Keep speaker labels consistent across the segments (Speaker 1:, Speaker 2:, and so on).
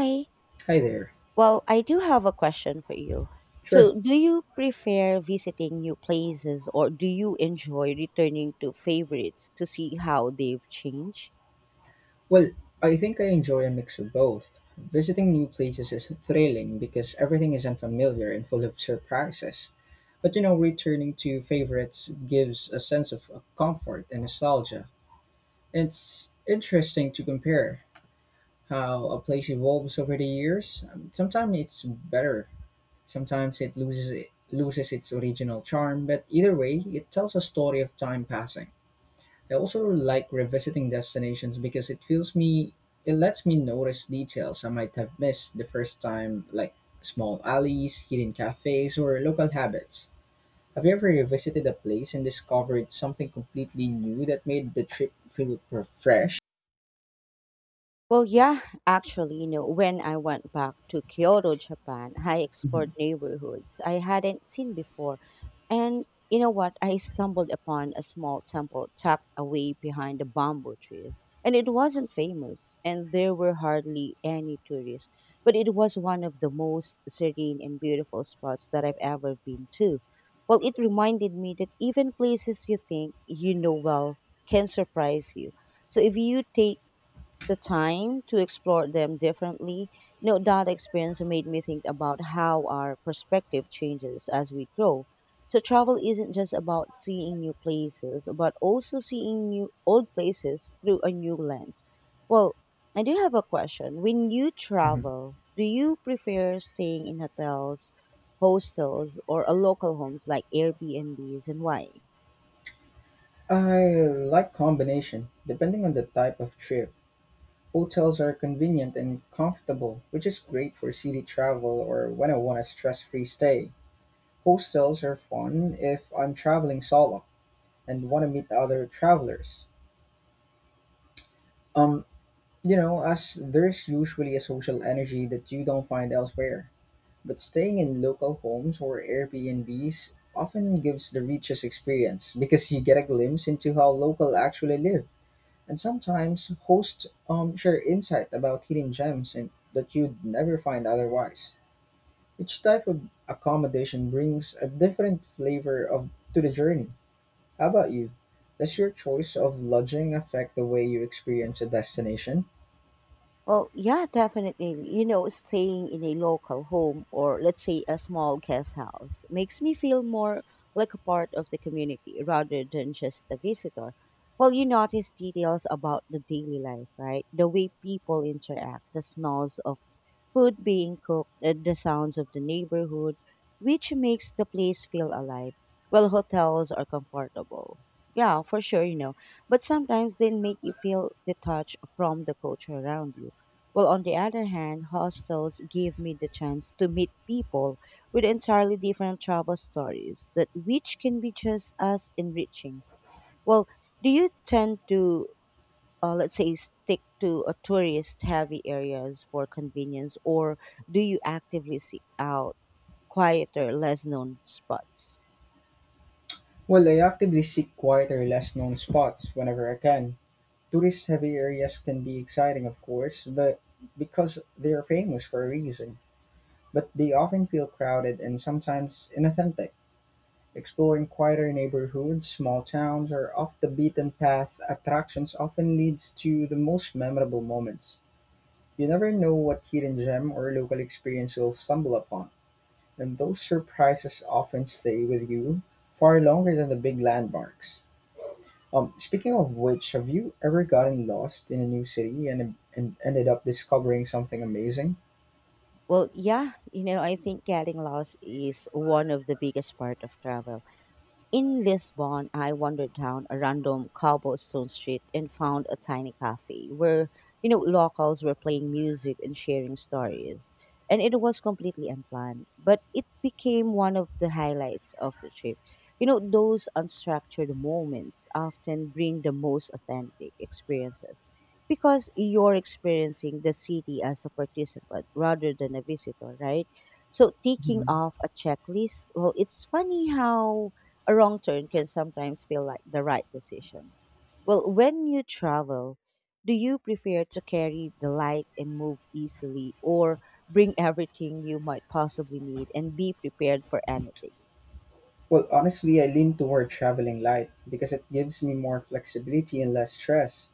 Speaker 1: Hi.
Speaker 2: Hi there.
Speaker 1: Well, I do have a question for you.
Speaker 2: Sure.
Speaker 1: So, do you prefer visiting new places or do you enjoy returning to favorites to see how they've changed?
Speaker 2: Well, I think I enjoy a mix of both. Visiting new places is thrilling because everything is unfamiliar and full of surprises. But you know, returning to favorites gives a sense of comfort and nostalgia. It's interesting to compare how a place evolves over the years. Sometimes it's better, sometimes it loses its original charm, but either way, it tells a story of time passing. I also like revisiting destinations because it lets me notice details I might have missed the first time, like small alleys, hidden cafes, or local habits. Have you ever revisited a place and discovered something completely new that made the trip feel fresh?
Speaker 1: Well, yeah, actually, when I went back to Kyoto, Japan, I explored
Speaker 2: Mhm,
Speaker 1: neighborhoods I hadn't seen before. And you know what? I stumbled upon a small temple tucked away behind the bamboo trees. And it wasn't famous, and there were hardly any tourists. But it was one of the most serene and beautiful spots that I've ever been to. Well, it reminded me that even places you think you know well can surprise you, so if you take the time to explore them differently. That experience made me think about how our perspective changes as we grow. So travel isn't just about seeing new places, but also seeing new old places through a new lens. Well, I do have a question. When you
Speaker 2: mhm.
Speaker 1: travel, do you prefer staying in hotels, hostels, or a local homes like Airbnbs, and why?
Speaker 2: I like combination. Depending on the type of trip, hotels are convenient and comfortable, which is great for city travel or when I want a stress-free stay. Hostels are fun if I'm traveling solo and want to meet other travelers. Um, you know, as there's usually a social energy that you don't find elsewhere. But staying in local homes or Airbnbs often gives the richest experience because you get a glimpse into how local actually live. And sometimes hosts share insight about hidden gems and that you'd never find otherwise. Each type of accommodation brings a different flavor of to the journey. How about you? Does your choice of lodging affect the way you experience a destination?
Speaker 1: Well, yeah, definitely. Staying in a local home, or let's say a small guest house, makes me feel more like a part of the community rather than just a visitor. Well, you notice details about the daily life, right? The way people interact, the smells of food being cooked, the sounds of the neighborhood, which makes the place feel alive. Well, hotels are comfortable. Yeah, for sure, But sometimes they make you feel detached from the culture around you. Well, on the other hand, hostels give me the chance to meet people with entirely different travel stories that which can be just as enriching. Well, do you tend to let's say stick to a tourist heavy areas for convenience, or do you actively seek out quieter, less known spots?
Speaker 2: Well, I actively seek quieter, less known spots whenever I can. Tourist heavy areas can be exciting, of course, but because they're famous for a reason. But they often feel crowded and sometimes inauthentic. Exploring quieter neighborhoods, small towns, or off the beaten path attractions often leads to the most memorable moments. You never know what hidden gem or local experience you'll stumble upon, and those surprises often stay with you far longer than the big landmarks. Speaking of which, have you ever gotten lost in a new city and ended up discovering something amazing?
Speaker 1: Well, yeah, I think getting lost is one of the biggest part of travel. In Lisbon, I wandered down a random cobblestone street and found a tiny cafe where, locals were playing music and sharing stories. And it was completely unplanned, but it became one of the highlights of the trip. Those unstructured moments often bring the most authentic experiences because you're experiencing the city as a participant rather than a visitor, right? So, taking
Speaker 2: Hmm.
Speaker 1: off a checklist, well, it's funny how a wrong turn can sometimes feel like the right decision. Well, when you travel, do you prefer to carry the light and move easily, or bring everything you might possibly need and be prepared for anything?
Speaker 2: Well, honestly, I lean toward traveling light because it gives me more flexibility and less stress.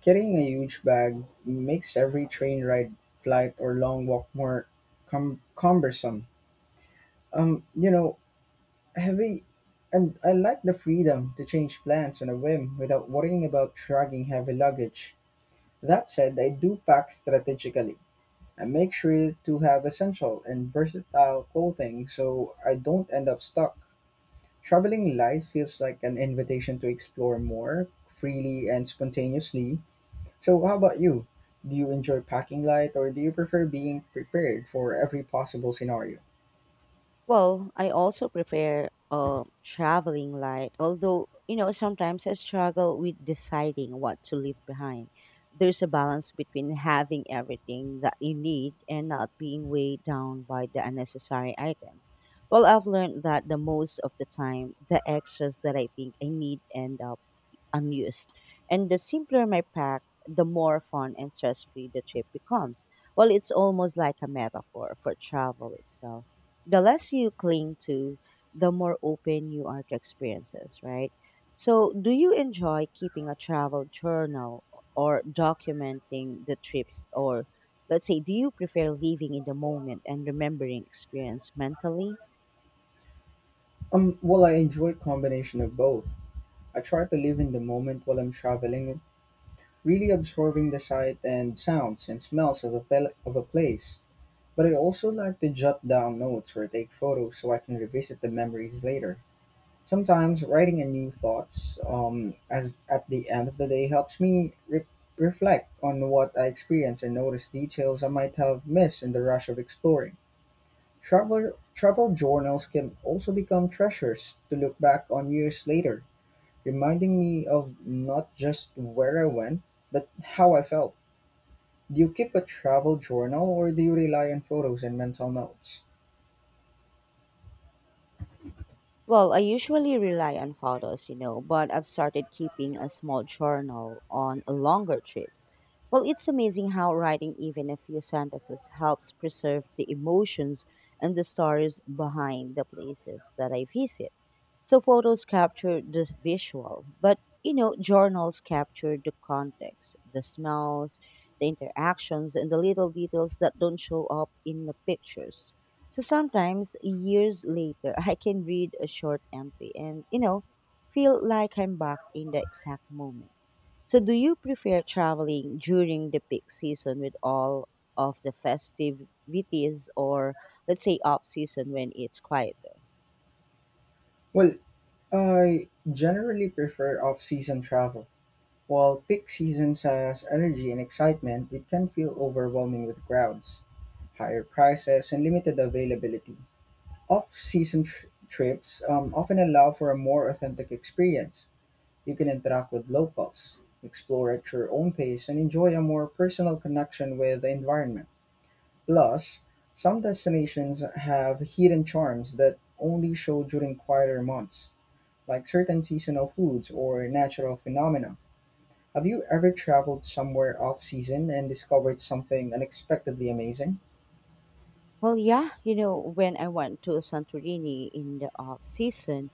Speaker 2: Carrying a huge bag makes every train ride, flight, or long walk more cumbersome. You know, heavy, and I like the freedom to change plans on a whim without worrying about dragging heavy luggage. That said, I do pack strategically. I make sure to have essential and versatile clothing so I don't end up stuck. Traveling light feels like an invitation to explore more freely and spontaneously. So, how about you? Do you enjoy packing light or do you prefer being prepared for every possible scenario?
Speaker 1: Well, I also prefer traveling light, although, sometimes I struggle with deciding what to leave behind. There's a balance between having everything that you need and not being weighed down by the unnecessary items. Well, I've learned that the most of the time, the extras that I think I need end up unused. And the simpler my pack, the more fun and stress free the trip becomes. Well, it's almost like a metaphor for travel itself. The less you cling to, the more open you are to experiences, right? So, do you enjoy keeping a travel journal or documenting the trips? Or, let's say, do you prefer living in the moment and remembering experience mentally?
Speaker 2: Well, I enjoy combination of both. I try to live in the moment while I'm traveling, really absorbing the sight and sounds and smells of of a place. But I also like to jot down notes or take photos so I can revisit the memories later. Sometimes writing a new thoughts as at the end of the day helps me reflect on what I experienced and notice details I might have missed in the rush of exploring. Travel journals can also become treasures to look back on years later, reminding me of not just where I went, but how I felt. Do you keep a travel journal or do you rely on photos and mental notes?
Speaker 1: Well, I usually rely on photos, but I've started keeping a small journal on longer trips. Well, it's amazing how writing even a few sentences helps preserve the emotions and the stories behind the places that I visit. So photos capture the visual, but journals capture the context, the smells, the interactions, and the little details that don't show up in the pictures. So sometimes years later, I can read a short entry and, feel like I'm back in the exact moment. So, do you prefer traveling during the peak season with all of the festivities, or, let's say, off season when it's quieter?
Speaker 2: Well, I generally prefer off season travel. While peak seasons has energy and excitement, it can feel overwhelming with crowds, higher prices, and limited availability. Off season trips often allow for a more authentic experience. You can interact with locals, explore at your own pace, and enjoy a more personal connection with the environment. Plus, some destinations have hidden charms that only show during quieter months, like certain seasonal foods or natural phenomena. Have you ever traveled somewhere off season and discovered something unexpectedly amazing?
Speaker 1: Well, yeah, when I went to Santorini in the off season,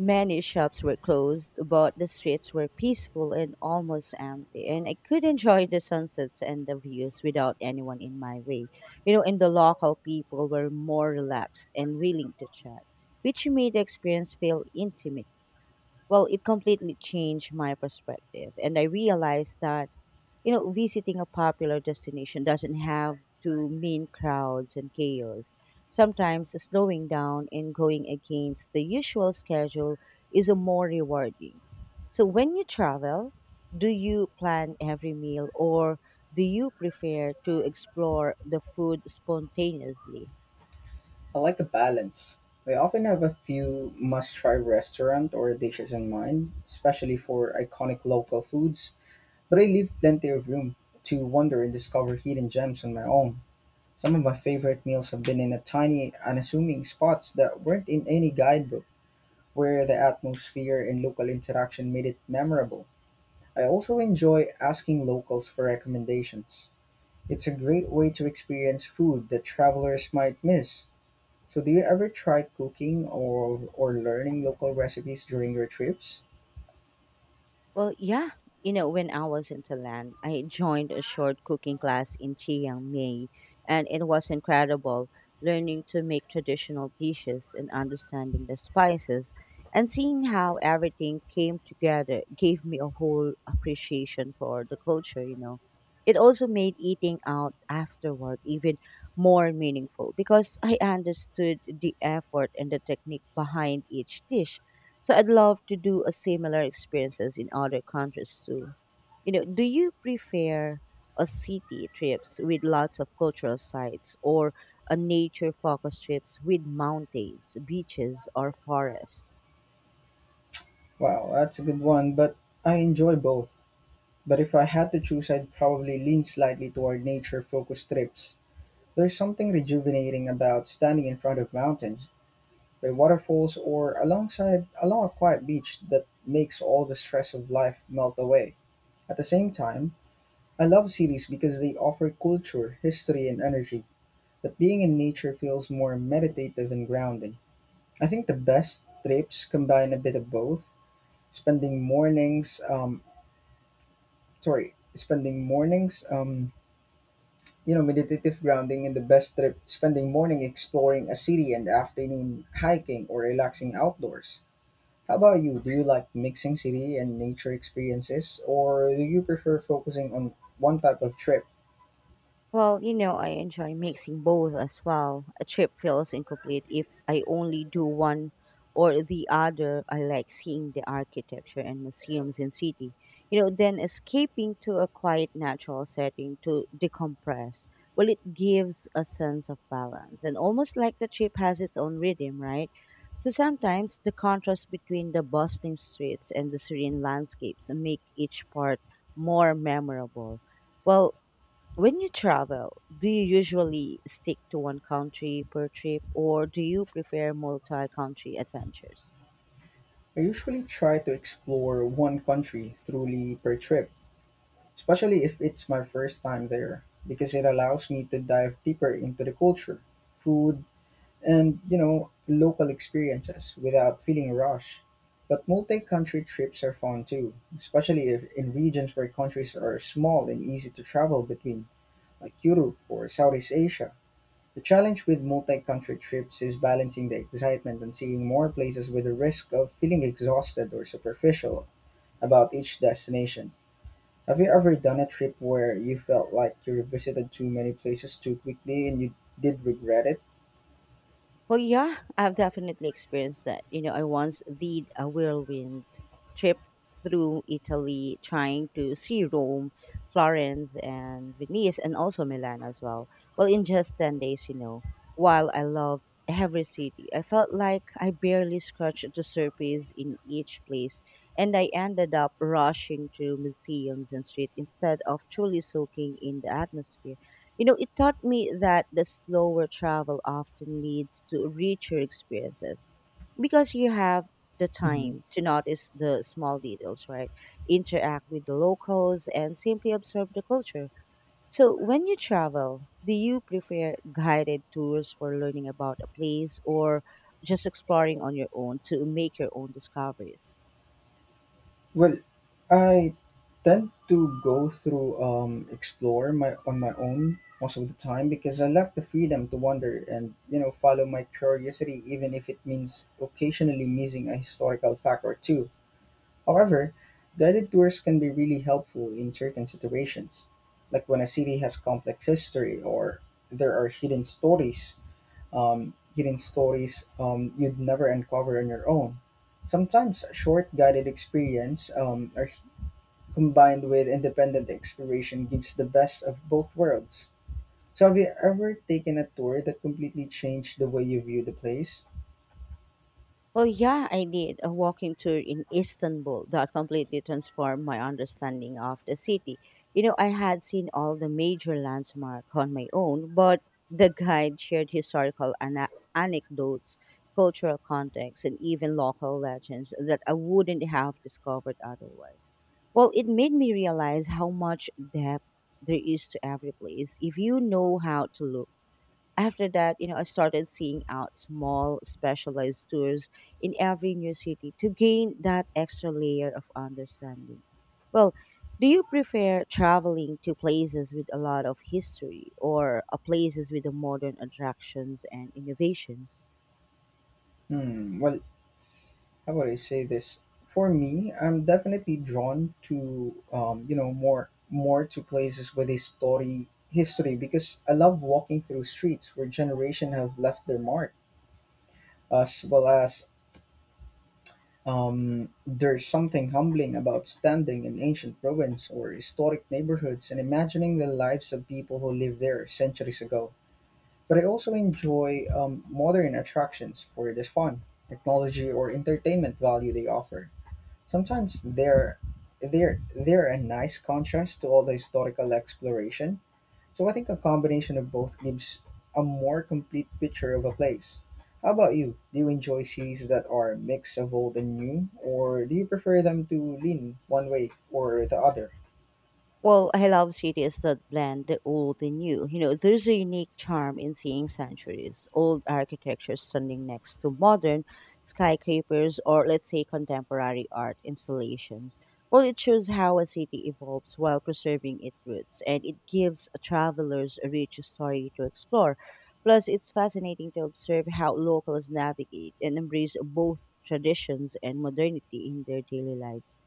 Speaker 1: many shops were closed, but the streets were peaceful and almost empty, and I could enjoy the sunsets and the views without anyone in my way. And the local people were more relaxed and willing to chat, which made the experience feel intimate. Well, it completely changed my perspective, and I realized that visiting a popular destination doesn't have to mean crowds and chaos. Sometimes slowing down and going against the usual schedule is a more rewarding. So when you travel, do you plan every meal, or do you prefer to explore the food spontaneously?
Speaker 2: I like a balance. I often have a few must try restaurant or dishes in mind, especially for iconic local foods. But I leave plenty of room to wander and discover hidden gems on my own. Some of my favorite meals have been in a tiny, unassuming spots that weren't in any guidebook, where the atmosphere and local interaction made it memorable. I also enjoy asking locals for recommendations. It's a great way to experience food that travelers might miss. So, do you ever try cooking or learning local recipes during your trips?
Speaker 1: Well, yeah. When I was in Thailand, I joined a short cooking class in Chiang Mai, and it was incredible. Learning to make traditional dishes and understanding the spices and seeing how everything came together gave me a whole appreciation for the culture, It also made eating out afterward even more meaningful because I understood the effort and the technique behind each dish, so I'd love to do a similar experiences in other countries too. Do you prefer a city trips with lots of cultural sites, or a nature focused trips with mountains, beaches or forests?
Speaker 2: Wow, that's a good one, but I enjoy both. But if I had to choose, I'd probably lean slightly toward nature focused trips. There's something rejuvenating about standing in front of mountains, by waterfalls, or alongside along a quiet beach that makes all the stress of life melt away. At the same time, I love cities because they offer culture, history, and energy, but being in nature feels more meditative and grounding. I think the best trips combine a bit of both, spending mornings, sorry, spending mornings you know, meditative grounding in the best trip, spending morning exploring a city and afternoon hiking or relaxing outdoors. How about you? Do you like mixing city and nature experiences or do you prefer focusing on one type of trip?
Speaker 1: Well, I enjoy mixing both as well. A trip feels incomplete if I only do one or the other. I like seeing the architecture and museums in city. Then escaping to a quiet natural setting to decompress. Well, it gives a sense of balance and almost like the trip has its own rhythm, right? So sometimes the contrast between the bustling streets and the serene landscapes make each part more memorable. Well, when you travel, do you usually stick to one country per trip, or do you prefer multi country adventures?
Speaker 2: I usually try to explore one country thoroughly per trip, especially if it's my first time there, because it allows me to dive deeper into the culture, food, and you know local experiences without feeling rushed. But multi-country trips are fun too, especially if in regions where countries are small and easy to travel between, like Europe or Southeast Asia. The challenge with multi-country trips is balancing the excitement and seeing more places with the risk of feeling exhausted or superficial about each destination. Have you ever done a trip where you felt like you visited too many places too quickly and you did regret it?
Speaker 1: Well, yeah, I've definitely experienced that. I once did a whirlwind trip through Italy, trying to see Rome, Florence, and Venice, and also Milan as well. Well, in just 10 days, while I loved every city, I felt like I barely scratched the surface in each place, and I ended up rushing through museums and streets instead of truly soaking in the atmosphere. It taught me that the slower travel often leads to richer experiences because you have the
Speaker 2: Mhm.
Speaker 1: time to notice the small details, right? Interact with the locals and simply observe the culture. So, when you travel, do you prefer guided tours for learning about a place, or just exploring on your own to make your own discoveries?
Speaker 2: Well, I tend to go through explore my on my own most of the time because I like the freedom to wander and you know follow my curiosity even if it means occasionally missing a historical fact or two. However, guided tours can be really helpful in certain situations, like when a city has complex history or there are hidden stories, you'd never uncover on your own. Sometimes a short guided experience or combined with independent exploration gives the best of both worlds. So, have you ever taken a tour that completely changed the way you view the place?
Speaker 1: Well, yeah, I did a walking tour in Istanbul that completely transformed my understanding of the city. I had seen all the major landmarks on my own, but the guide shared historical anecdotes, cultural context, and even local legends that I wouldn't have discovered otherwise. Well, it made me realize how much depth there is to every place if you know how to look. After that, I started seeing out small specialized tours in every new city to gain that extra layer of understanding. Well, do you prefer traveling to places with a lot of history, or places with the modern attractions and innovations?
Speaker 2: Hmm. Well, how would I say this? For me, I'm definitely drawn to you know more to places with a story history because I love walking through streets where generation have left their mark, as well as there's something humbling about standing in ancient ruins or historic neighborhoods and imagining the lives of people who lived there centuries ago. But I also enjoy modern attractions for the fun, technology, or entertainment value they offer. Sometimes they're a nice contrast to all the historical exploration, so I think a combination of both gives a more complete picture of a place. How about you? Do you enjoy series that are a mix of old and new, or do you prefer them to lean one way or the other?
Speaker 1: Well, I love cities that blend the old and new. There's a unique charm in seeing centuries old architecture standing next to modern skyscrapers, or, let's say, contemporary art installations. Well, it shows how a city evolves while preserving its roots, and it gives travelers a rich story to explore. Plus, it's fascinating to observe how locals navigate and embrace both traditions and modernity in their daily lives.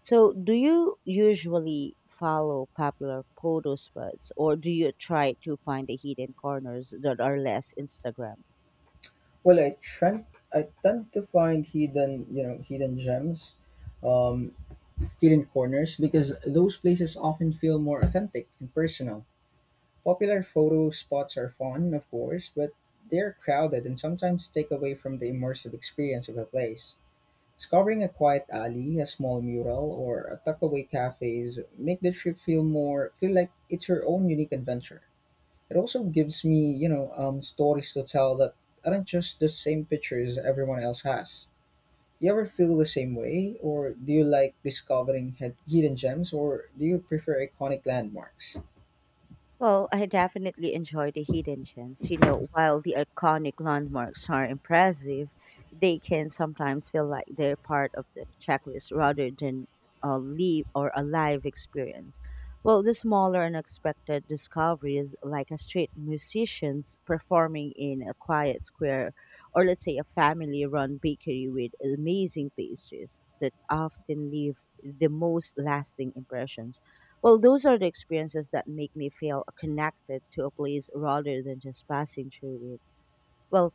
Speaker 1: So, do you usually follow popular photo spots, or do you try to find the hidden corners that are less Instagram?
Speaker 2: Well, I tend to find hidden, you know, hidden gems, um, hidden corners, because those places often feel more authentic and personal. Popular photo spots are fun, of course, but they're crowded and sometimes take away from the immersive experience of a place. Discovering a quiet alley, a small mural, or a tuckaway cafes make the trip feel more feel like it's your own unique adventure. It also gives me, you know, stories to tell that aren't just the same pictures everyone else has. You ever feel the same way, or do you like discovering hidden gems, or do you prefer iconic landmarks?
Speaker 1: Well, I definitely enjoy the hidden gems. While the iconic landmarks are impressive, they can sometimes feel like they're part of the checklist rather than a live or a live experience. Well, the smaller unexpected discoveries, like a street musicians performing in a quiet square, or let's say a family run bakery with amazing pastries that often leave the most lasting impressions. Well, those are the experiences that make me feel connected to a place rather than just passing through it. Well,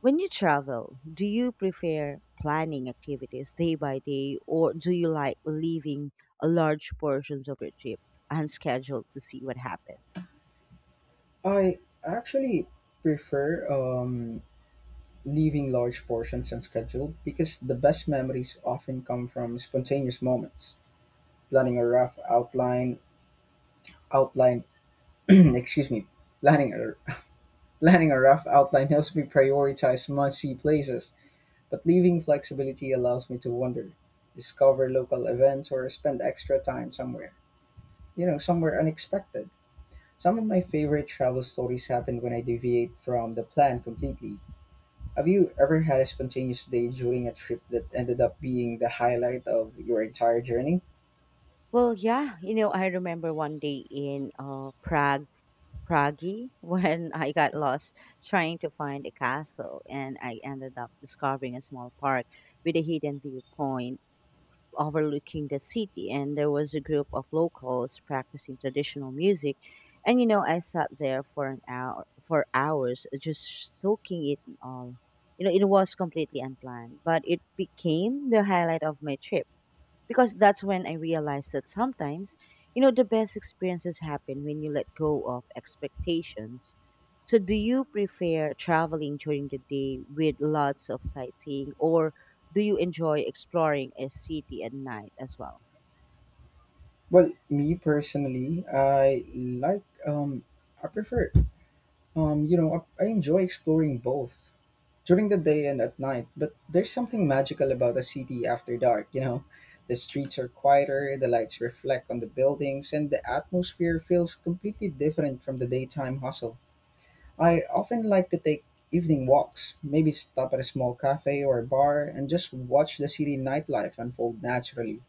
Speaker 1: when you travel, do you prefer planning activities day by day, or do you like leaving a large portions of your trip unscheduled to see what happens?
Speaker 2: I actually prefer leaving large portions unscheduled because the best memories often come from spontaneous moments. Planning a rough outline outline excuse me planning a planning a rough outline helps me prioritize must see places, but leaving flexibility allows me to wander, discover local events or spend extra time somewhere, you know, somewhere unexpected. Some of my favorite travel stories happen when I deviate from the plan completely. Have you ever had a spontaneous day during a trip that ended up being the highlight of your entire journey?
Speaker 1: Well, yeah, you know, I remember one day in Prague, when I got lost trying to find a castle and I ended up discovering a small park with a hidden viewpoint overlooking the city, and there was a group of locals practicing traditional music. And you know, I sat there for hours just soaking it all. You know, it was completely unplanned, but it became the highlight of my trip, because that's when I realized that sometimes, you know, the best experiences happen when you let go of expectations. So, do you prefer traveling during the day with lots of sightseeing, or do you enjoy exploring a city at night as well?
Speaker 2: Well, me personally, I like I prefer you know I enjoy exploring both during the day and at night, but there's something magical about a city after dark, you know. The streets are quieter, the lights reflect on the buildings, and the atmosphere feels completely different from the daytime hustle. I often like to take evening walks, maybe stop at a small cafe or a bar and just watch the city nightlife unfold naturally.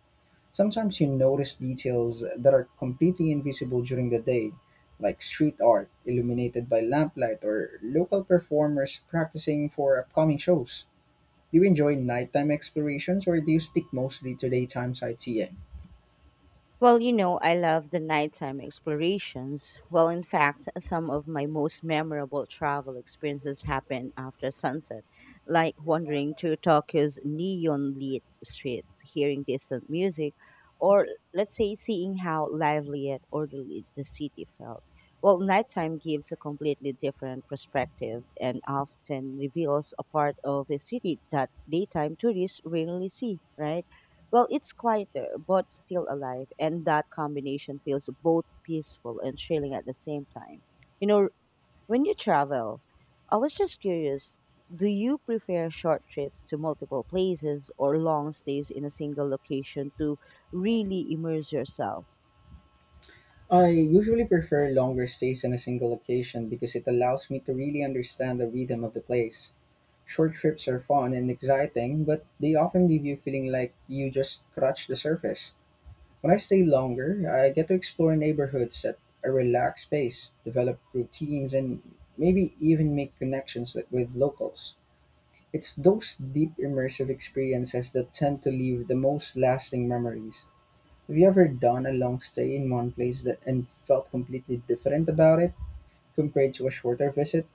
Speaker 2: Sometimes you notice details that are completely invisible during the day, like street art illuminated by lamplight or local performers practicing for upcoming shows. Do you enjoy nighttime explorations or do you stick mostly to daytime sightseeing?
Speaker 1: Well, you know, I love the nighttime explorations. Well, in fact, some of my most memorable travel experiences happen after sunset, like wandering through Tokyo's neon lit streets, hearing distant music, or let's say seeing how lively and orderly the city felt. Well, nighttime gives a completely different perspective and often reveals a part of a city that daytime tourists rarely see, right? Well, it's quieter, but still alive, and that combination feels both peaceful and chilling at the same time. You know, when you travel, I was just curious, do you prefer short trips to multiple places or long stays in a single location to really immerse yourself?
Speaker 2: I usually prefer longer stays in a single location because it allows me to really understand the rhythm of the place. Short trips are fun and exciting, but they often leave you feeling like you just scratched the surface. When I stay longer, I get to explore neighborhoods at a relaxed pace, develop routines, and maybe even make connections with locals. It's those deep immersive experiences that tend to leave the most lasting memories. Have you ever done a long stay in one place that and felt completely different about it compared to a shorter visit?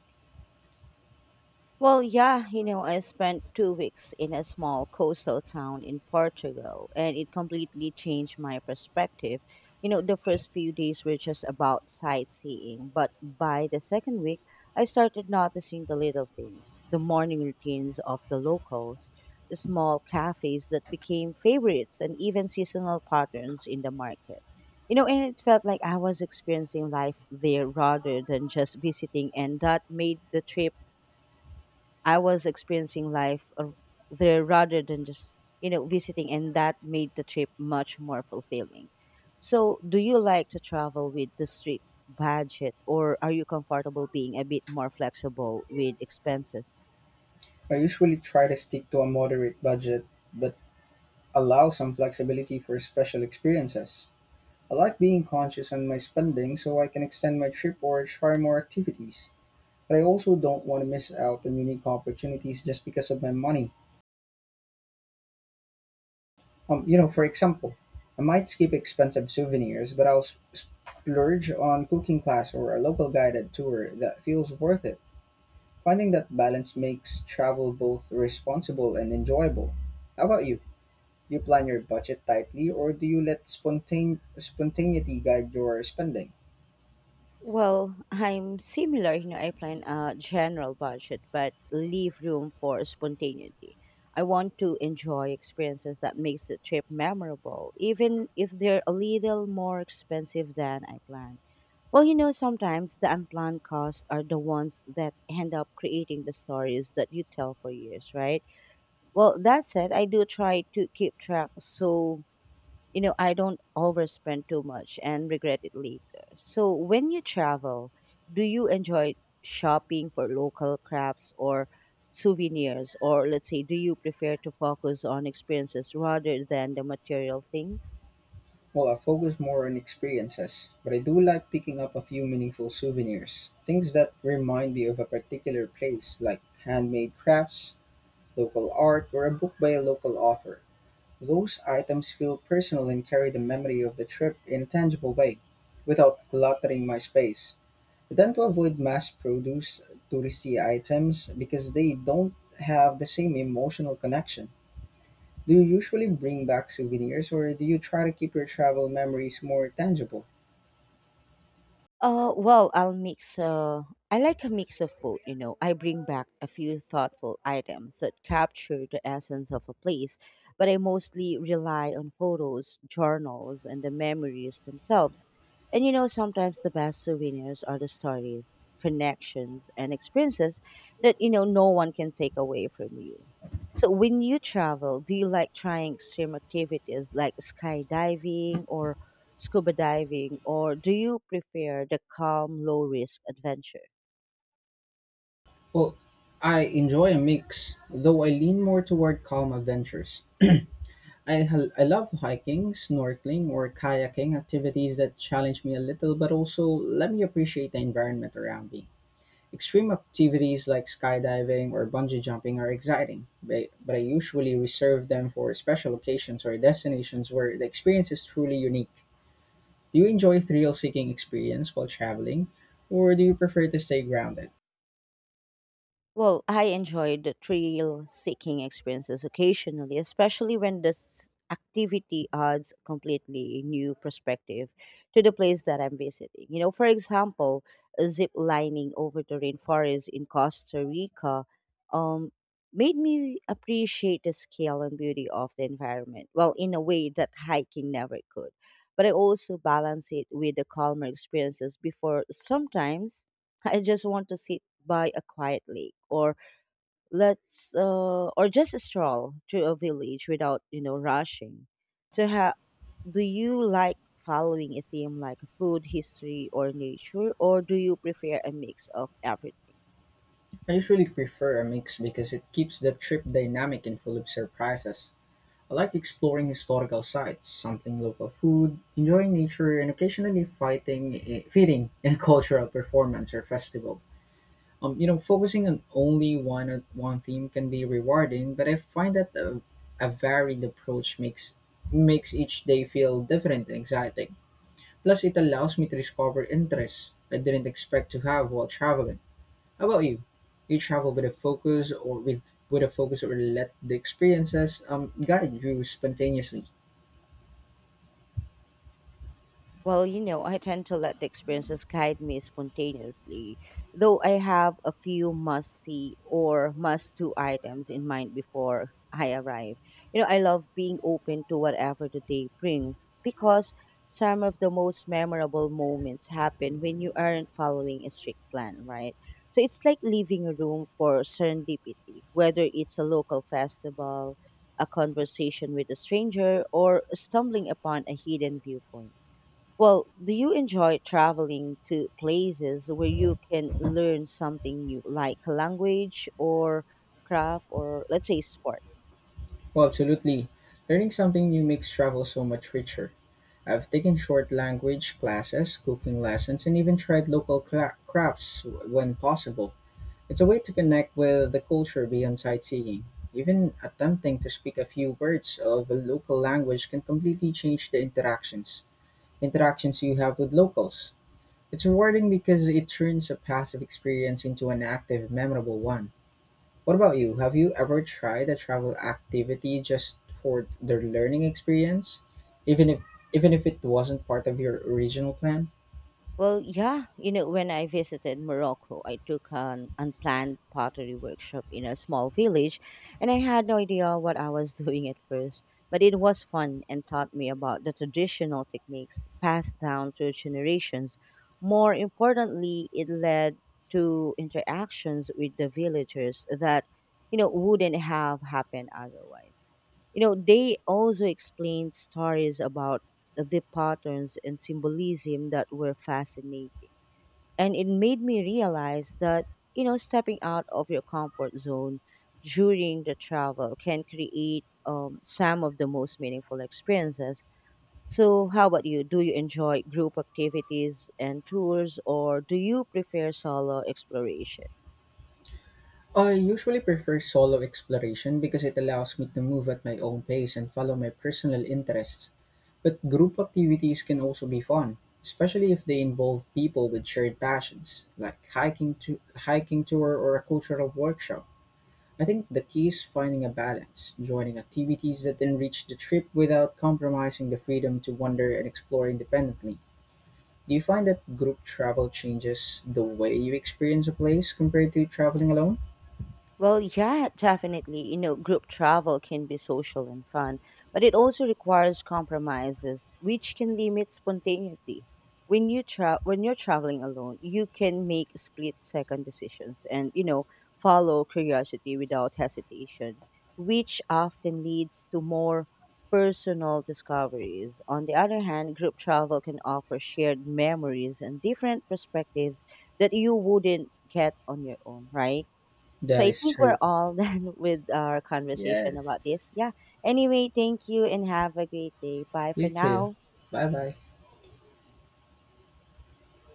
Speaker 1: Well, yeah, you know, I spent two weeks in a small coastal town in Portugal and it completely changed my perspective. You know, the first few days were just about sightseeing, but by the second week, I started noticing the little things, the morning routines of the locals, the small cafes that became favorites, and even seasonal patterns in the market. You know, and it felt like I was experiencing life there rather than just visiting, and that made the trip I was experiencing life ar- there rather than just, you know, visiting, and that made the trip much more fulfilling. So, do you like to travel with the strict budget, or are you comfortable being a bit more flexible with expenses?
Speaker 2: I usually try to stick to a moderate budget, but allow some flexibility for special experiences. I like being conscious on my spending so I can extend my trip or try more activities. But I also don't want to miss out on unique opportunities just because of my money. For example, I might skip expensive souvenirs, but I'll splurge on cooking class or a local guided tour that feels worth it. Finding that balance makes travel both responsible and enjoyable. How about you? Do you plan your budget tightly or do you let spontaneity guide your spending?
Speaker 1: Well, I'm similar. You know, I plan a general budget, but leave room for spontaneity. I want to enjoy experiences that makes the trip memorable, even if they're a little more expensive than I planned. Well, you know, sometimes the unplanned costs are the ones that end up creating the stories that you tell for years, right? Well, that said, I do try to keep track so, you know, I don't overspend too much and regret it later. So, when you travel, do you enjoy shopping for local crafts or souvenirs? Or, let's say, do you prefer to focus on experiences rather than the material things?
Speaker 2: Well, I focus more on experiences, but I do like picking up a few meaningful souvenirs. Things that remind me of a particular place, like handmade crafts, local art, or a book by a local author. Those items feel personal and carry the memory of the trip in a tangible way, without cluttering my space. I tend to avoid mass produce touristy items because they don't have the same emotional connection. Do you usually bring back souvenirs or do you try to keep your travel memories more tangible?
Speaker 1: Well, I'll mix. I like a mix of both. You know, I bring back a few thoughtful items that capture the essence of a place, but I mostly rely on photos, journals, and the memories themselves. And you know, sometimes the best souvenirs are the stories, connections, and experiences that, you know, no one can take away from you. So, when you travel, do you like trying extreme activities like skydiving or scuba diving, or do you prefer the calm, low risk adventure?
Speaker 2: Well, I enjoy a mix, though I lean more toward calm adventures. I love hiking, snorkeling, or kayaking activities that challenge me a little but also let me appreciate the environment around me. Extreme activities like skydiving or bungee jumping are exciting, but I usually reserve them for special occasions or destinations where the experience is truly unique. Do you enjoy a thrill-seeking experience while traveling, or do you prefer to stay grounded?
Speaker 1: Well, I enjoy the thrill seeking experiences occasionally, especially when this activity adds completely new perspective to the place that I'm visiting. You know, for example, zip lining over the rainforest in Costa Rica um, made me appreciate the scale and beauty of the environment, well, in a way that hiking never could. But I also balance it with the calmer experiences before. Sometimes I just want to sit by a quiet lake, or let's or just stroll through a village without, you know, rushing. So how do you like following a theme like food, history, or nature, or do you prefer a mix of everything?
Speaker 2: I usually prefer a mix because it keeps the trip dynamic and full of surprises. I like exploring historical sites, sampling local food, enjoying nature, and occasionally fitting in a cultural performance or festival. Focusing on only one theme can be rewarding, but I find that a varied approach makes each day feel different and exciting. Plus, it allows me to discover interests I didn't expect to have while traveling. How about you? Do you travel with a focus or with a focus or let the experiences guide you spontaneously?
Speaker 1: Well, you know, I tend to let the experiences guide me spontaneously, though I have a few must see or must do items in mind before I arrive. You know, I love being open to whatever the day brings, because some of the most memorable moments happen when you aren't following a strict plan, right? So it's like leaving a room for serendipity, whether it's a local festival, a conversation with a stranger, or stumbling upon a hidden viewpoint. Well, do you enjoy traveling to places where you can learn something new, like a language or craft, or let's say sport?
Speaker 2: Well, absolutely. Learning something new makes travel so much richer. I've taken short language classes, cooking lessons, and even tried local crafts when possible. It's a way to connect with the culture beyond sightseeing. Even attempting to speak a few words of a local language can completely change the interactions you have with locals. It's rewarding because it turns a passive experience into an active, memorable one. What about you? Have you ever tried a travel activity just for the learning experience, even if even if it wasn't part of your original plan?
Speaker 1: Well, yeah, you know, when I visited Morocco, I took an unplanned pottery workshop in a small village, and I had no idea what I was doing at first. But it was fun and taught me about the traditional techniques passed down through generations. More importantly, it led to interactions with the villagers that, you know, wouldn't have happened otherwise. You know, they also explained stories about the patterns and symbolism that were fascinating. And it made me realize that, you know, stepping out of your comfort zone during the travel can create some of the most meaningful experiences. So, how about you? Do you enjoy group activities and tours, or do you prefer solo exploration?
Speaker 2: I usually prefer solo exploration because it allows me to move at my own pace and follow my personal interests. But group activities can also be fun, especially if they involve people with shared passions, like hiking tour or a cultural workshop. I think the key is finding a balance, joining activities that enrich the trip without compromising the freedom to wander and explore independently. Do you find that group travel changes the way you experience a place compared to traveling alone?
Speaker 1: Well, yeah, definitely. You know, group travel can be social and fun, but it also requires compromises, which can limit spontaneity. When you're traveling alone, you can make split second decisions and, you know, follow curiosity without hesitation, which often leads to more personal discoveries. On the other hand, group travel can offer shared memories and different perspectives that you wouldn't get on your own, right? So
Speaker 2: That
Speaker 1: I
Speaker 2: is
Speaker 1: think we're
Speaker 2: true.
Speaker 1: all done with our conversation about this.
Speaker 2: Yes.
Speaker 1: Yeah. Anyway, thank you and have a great day. Bye
Speaker 2: You
Speaker 1: for
Speaker 2: too.
Speaker 1: now.
Speaker 2: Bye bye.